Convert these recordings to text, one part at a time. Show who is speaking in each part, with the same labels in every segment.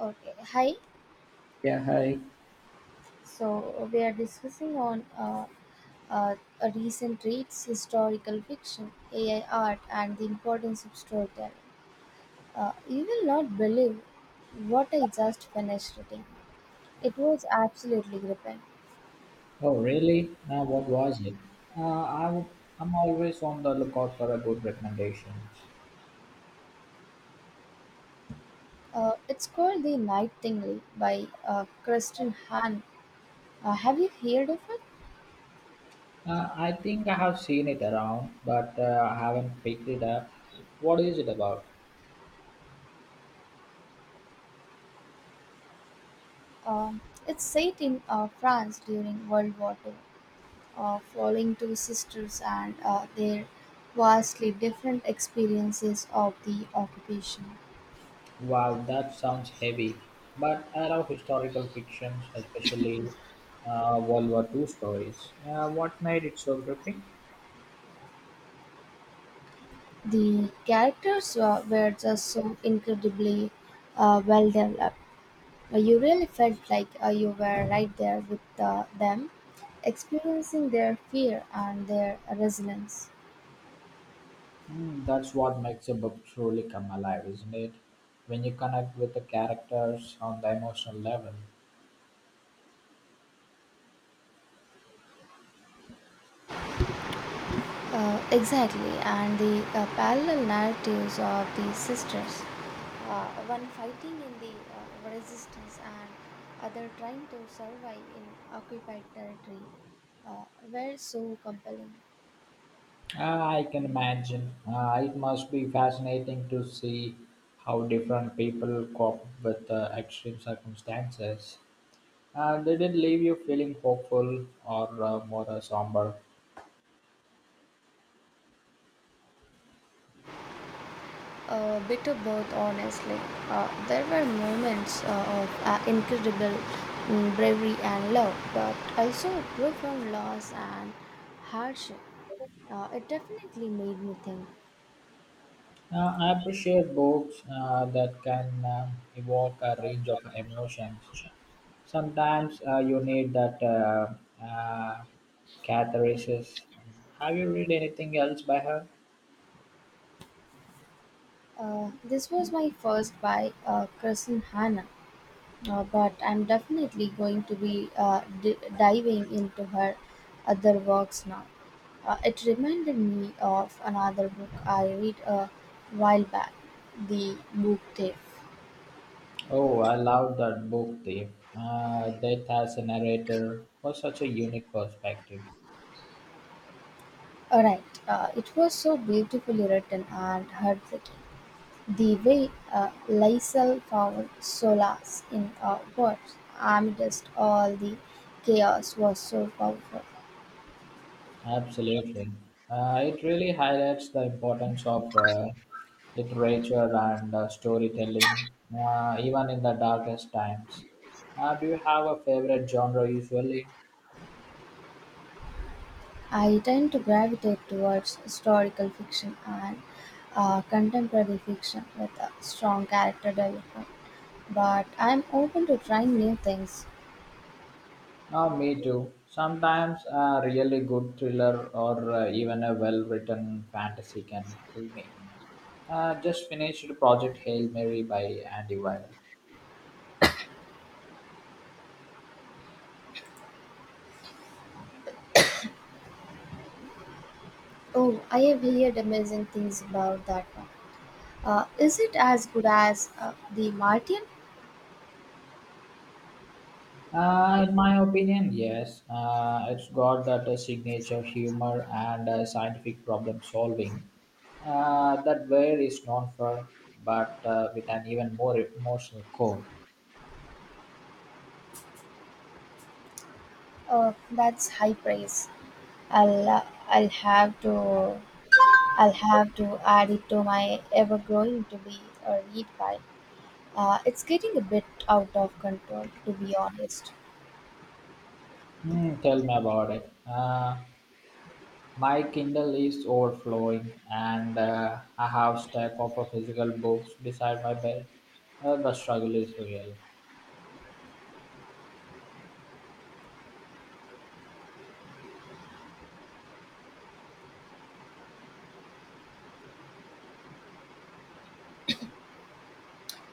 Speaker 1: Okay, hi.
Speaker 2: Yeah, hi.
Speaker 1: So we are discussing on uh, a recent reads, historical fiction, AI art, and the importance of storytelling. You will not believe what I just finished reading. It was absolutely gripping.
Speaker 2: Oh, really? Now, what was it? Uh, i w- I'm always on the lookout for a good recommendation.
Speaker 1: It's called The Nightingale by Kristen Hahn. Have you heard of it?
Speaker 2: I think I have seen it around, but I haven't picked it up. What is it about?
Speaker 1: Um it's set in France during World War Two, following two sisters and their vastly different experiences of the occupation.
Speaker 2: Wow, that sounds heavy. But I love historical fictions, especially World War II stories. What made it so gripping?
Speaker 1: The characters were just so incredibly well developed. You really felt like you were right there with them, experiencing their fear and their resilience.
Speaker 2: Mm, that's what makes a book truly come alive, isn't it? When you connect with the characters on the emotional level.
Speaker 1: Exactly, and the parallel narratives of the sisters, one fighting in the resistance and other trying to survive in occupied territory, uh, were so compelling.
Speaker 2: Ah, I can imagine. Ah, it must be fascinating to see how different people cope with extreme circumstances. Did it leave you feeling hopeful or more somber?
Speaker 1: A bit of both, honestly. There were moments of incredible, bravery and love, but also profound loss and hardship. It definitely made me think.
Speaker 2: I appreciate books that can evoke a range of emotions. Sometimes you need that uh, catharsis. Have you read anything else by her?
Speaker 1: This was my first by Kristen Hanna, but I'm definitely going to be diving into her other works now. It reminded me of another book I read a while back, The Book Thief.
Speaker 2: Oh, I love that book, Dave. Death as a narrator was such a unique perspective.
Speaker 1: All right, it was so beautifully written and heartbreaking. The way Lysel found solace in words amidst all the chaos was so powerful.
Speaker 2: Absolutely. It really highlights the importance of literature and storytelling, even in the darkest times. Do you have a favorite genre usually?
Speaker 1: I tend to gravitate towards historical fiction and contemporary fiction with a strong character development, but I'm open to trying new things.
Speaker 2: Oh, me too. Sometimes a really good thriller or even a well written fantasy can pull me in. Just finished Project Hail Mary by Andy Weir.
Speaker 1: Oh, I have heard amazing things about that one. Is it as good as The Martian?
Speaker 2: In my opinion, yes. It's got that signature humor and scientific problem solving that Ware is known for, but with an even more emotional core.
Speaker 1: That's high praise. I'll uh, I'll have to I'll have to add it to my ever growing to be a read pile. It's getting a bit out of control, to be honest.
Speaker 2: Hmm, tell me about it. My Kindle is overflowing, and I have stack of physical books beside my bed. The struggle is real.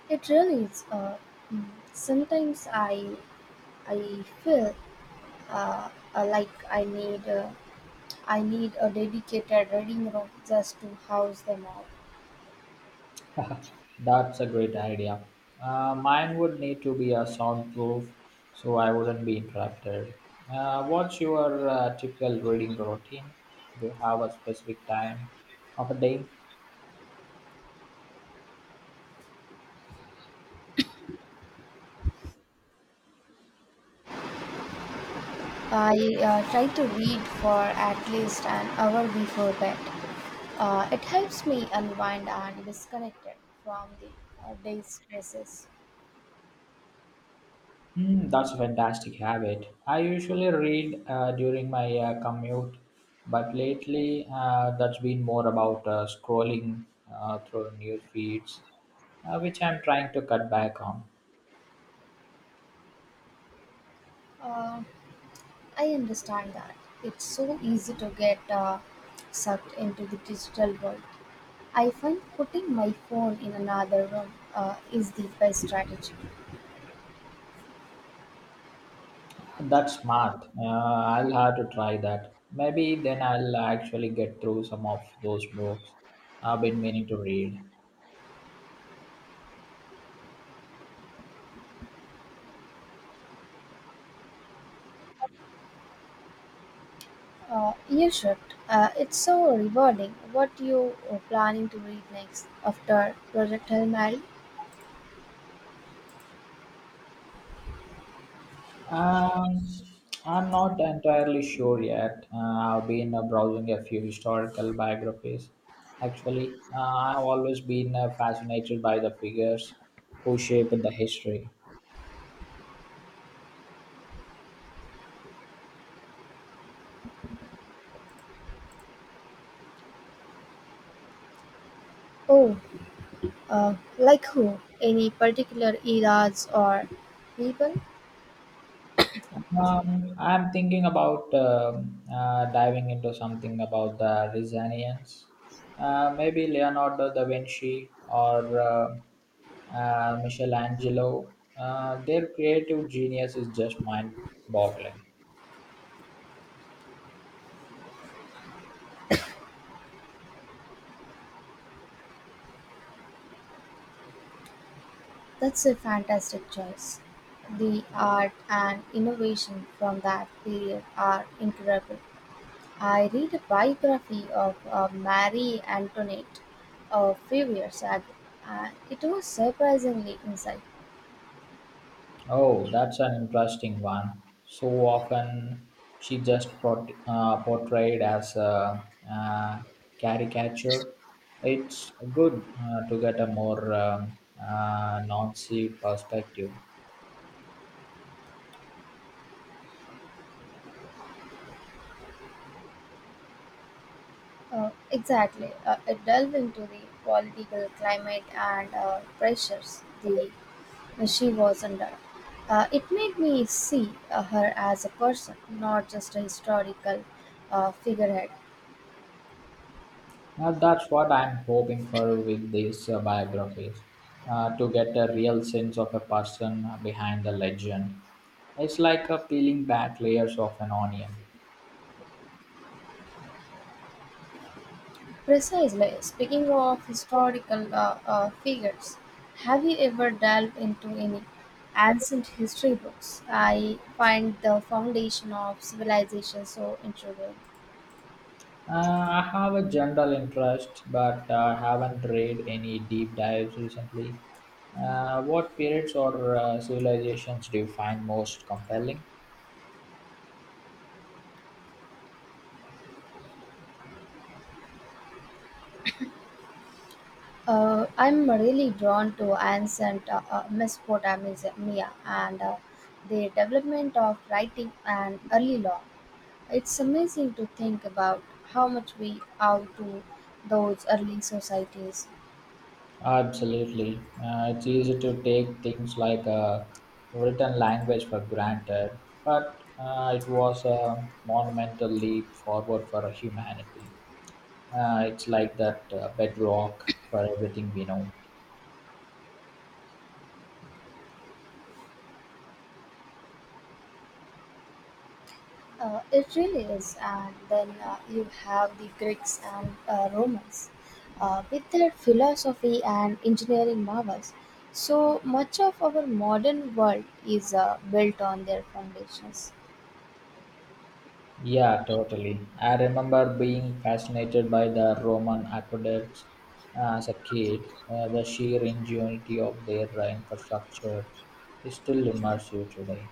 Speaker 1: It really is. Mm, Sometimes I feel uh, like I need a dedicated reading room just to house them all.
Speaker 2: That's a great idea. Mine would need to be a soundproof so I wouldn't be interrupted. What's your typical reading routine? Do you have a specific time of a day?
Speaker 1: I try to read for at least an hour before bed. It helps me unwind and disconnect it from the day's stresses.
Speaker 2: Hmm, that's a fantastic habit. I usually read during my commute, but lately that's been more about scrolling through news feeds, which I'm trying to cut back on.
Speaker 1: Uh, I understand that it's so easy to get sucked into the digital world. I find putting my phone in another room is the best strategy.
Speaker 2: That's smart. I'll have to try that. Maybe then I'll actually get through some of those books I've been meaning to read.
Speaker 1: You should. It's so rewarding. What you are planning to read next after Project Hail Mary?
Speaker 2: Um, I'm not entirely sure yet. I've been browsing a few historical biographies. Actually, I've always been fascinated by the figures who shaped the history.
Speaker 1: Oh, like who? Any particular eras or people?
Speaker 2: I'm thinking about diving into something about the Rizanians. Maybe Leonardo da Vinci or Michelangelo. Their creative genius is just mind boggling.
Speaker 1: That's a fantastic choice. The art and innovation from that period are incredible. I read a biography of Marie Antoinette a few years ago, and it was surprisingly insightful.
Speaker 2: Oh, that's an interesting one. So often she just portrayed as a, uh caricature. It's good to get a more Nazi perspective.
Speaker 1: Exactly, it delved into the political climate and pressures the she was under. It made me see her as a person, not just a historical figurehead.
Speaker 2: That's what I'm hoping for with these biographies, to get a real sense of a person behind the legend. It's like peeling back layers of an onion.
Speaker 1: Precisely. Speaking of historical figures, have you ever delved into any ancient history books? I find the foundation of civilization so intriguing.
Speaker 2: I have a general interest, but I haven't read any deep dives recently. What periods or civilizations do you find most compelling?
Speaker 1: I'm really drawn to ancient Mesopotamia and the development of writing and early law. It's amazing to think about how much we owe to those early societies.
Speaker 2: Absolutely. It's easy to take things like written language for granted, but it was a monumental leap forward for humanity. It's like that bedrock for everything we know.
Speaker 1: It really is, and then you have the Greeks and Romans with their philosophy and engineering marvels. So much of our modern world is built on their foundations.
Speaker 2: Yeah, totally. I remember being fascinated by the Roman aqueducts as a kid. The sheer ingenuity of their infrastructure is still immersive today.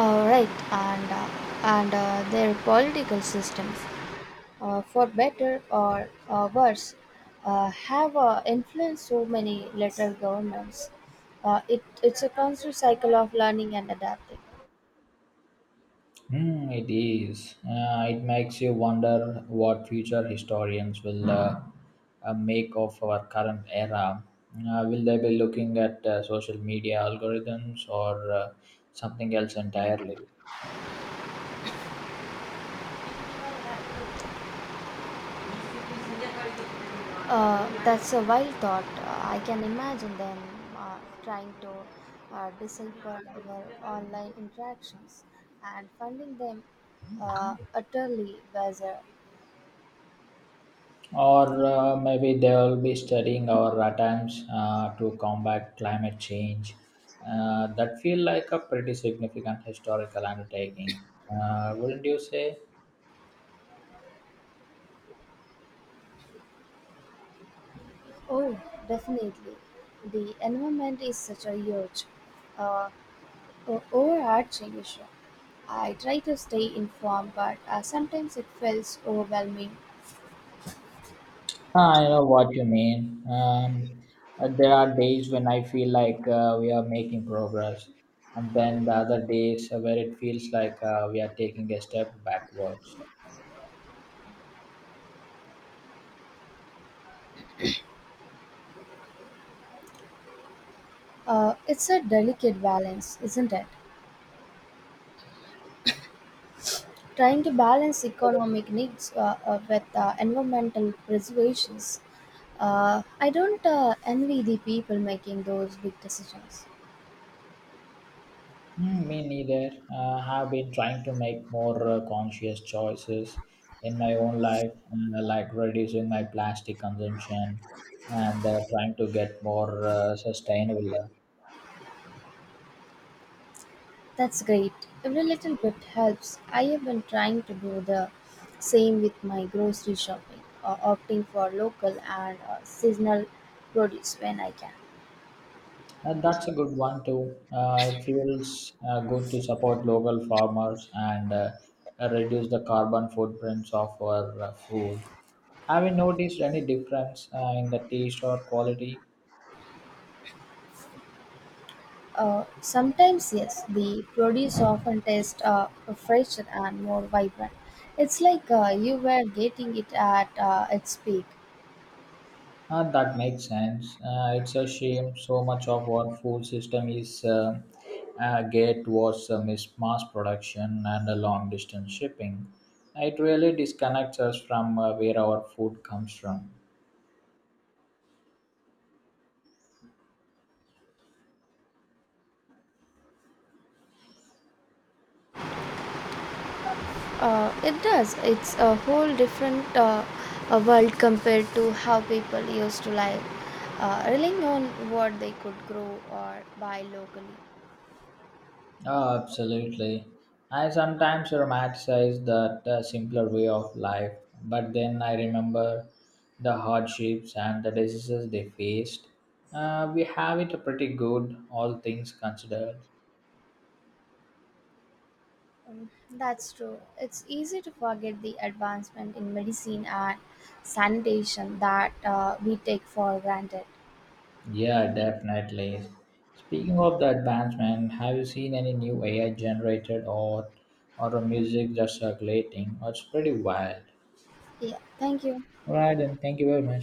Speaker 1: Right, and their political systems, for better or worse, have influenced so many later governments. It's a constant cycle of learning and adapting.
Speaker 2: Hmm, it is. It makes you wonder what future historians will make of our current era. Will they be looking at social media algorithms or something else entirely?
Speaker 1: That's a wild thought. I can imagine them uh, trying to decipher our online interactions and finding them utterly bizarre.
Speaker 2: Or maybe they will be studying our attempts to combat climate change. That feel like a pretty significant historical undertaking, wouldn't you say?
Speaker 1: Oh, definitely. The environment is such a huge, uh, overarching issue. I try to stay informed, but sometimes it feels overwhelming.
Speaker 2: I know what you mean. There are days when I feel like we are making progress, and then the other days where it feels like we are taking a step backwards.
Speaker 1: It's a delicate balance, isn't it? Trying to balance economic needs with environmental preservations. I don't envy the people making those big decisions.
Speaker 2: Mm, me neither. Have been trying to make more conscious choices in my own life, like reducing my plastic consumption and trying to get more sustainably.
Speaker 1: That's great. Every little bit helps. I have been trying to do the same with my grocery shopping, opting for local and seasonal produce when I can.
Speaker 2: And that's a good one too. It feels good to support local farmers and reduce the carbon footprints of our food. Have you noticed any difference in the taste or quality.
Speaker 1: Sometimes, yes, the produce often tastes fresher and more vibrant. It's like you were getting it at its peak.
Speaker 2: That makes sense. It's a shame so much of our food system is geared towards mass production and long distance shipping. It really disconnects us from where our food comes from.
Speaker 1: It does. It's a whole different world compared to how people used to live, relying on what they could grow or buy locally.
Speaker 2: Oh, absolutely. I sometimes romanticize that simpler way of life, but then I remember the hardships and the diseases they faced. We have it pretty good, all things considered.
Speaker 1: That's true. It's easy to forget the advancement in medicine and sanitation that we take for granted.
Speaker 2: Yeah, definitely. Speaking of the advancement, have you seen any new AI generated art or a music that's circulating? It's pretty wild.
Speaker 1: Yeah, thank you.
Speaker 2: All right, then thank you very much.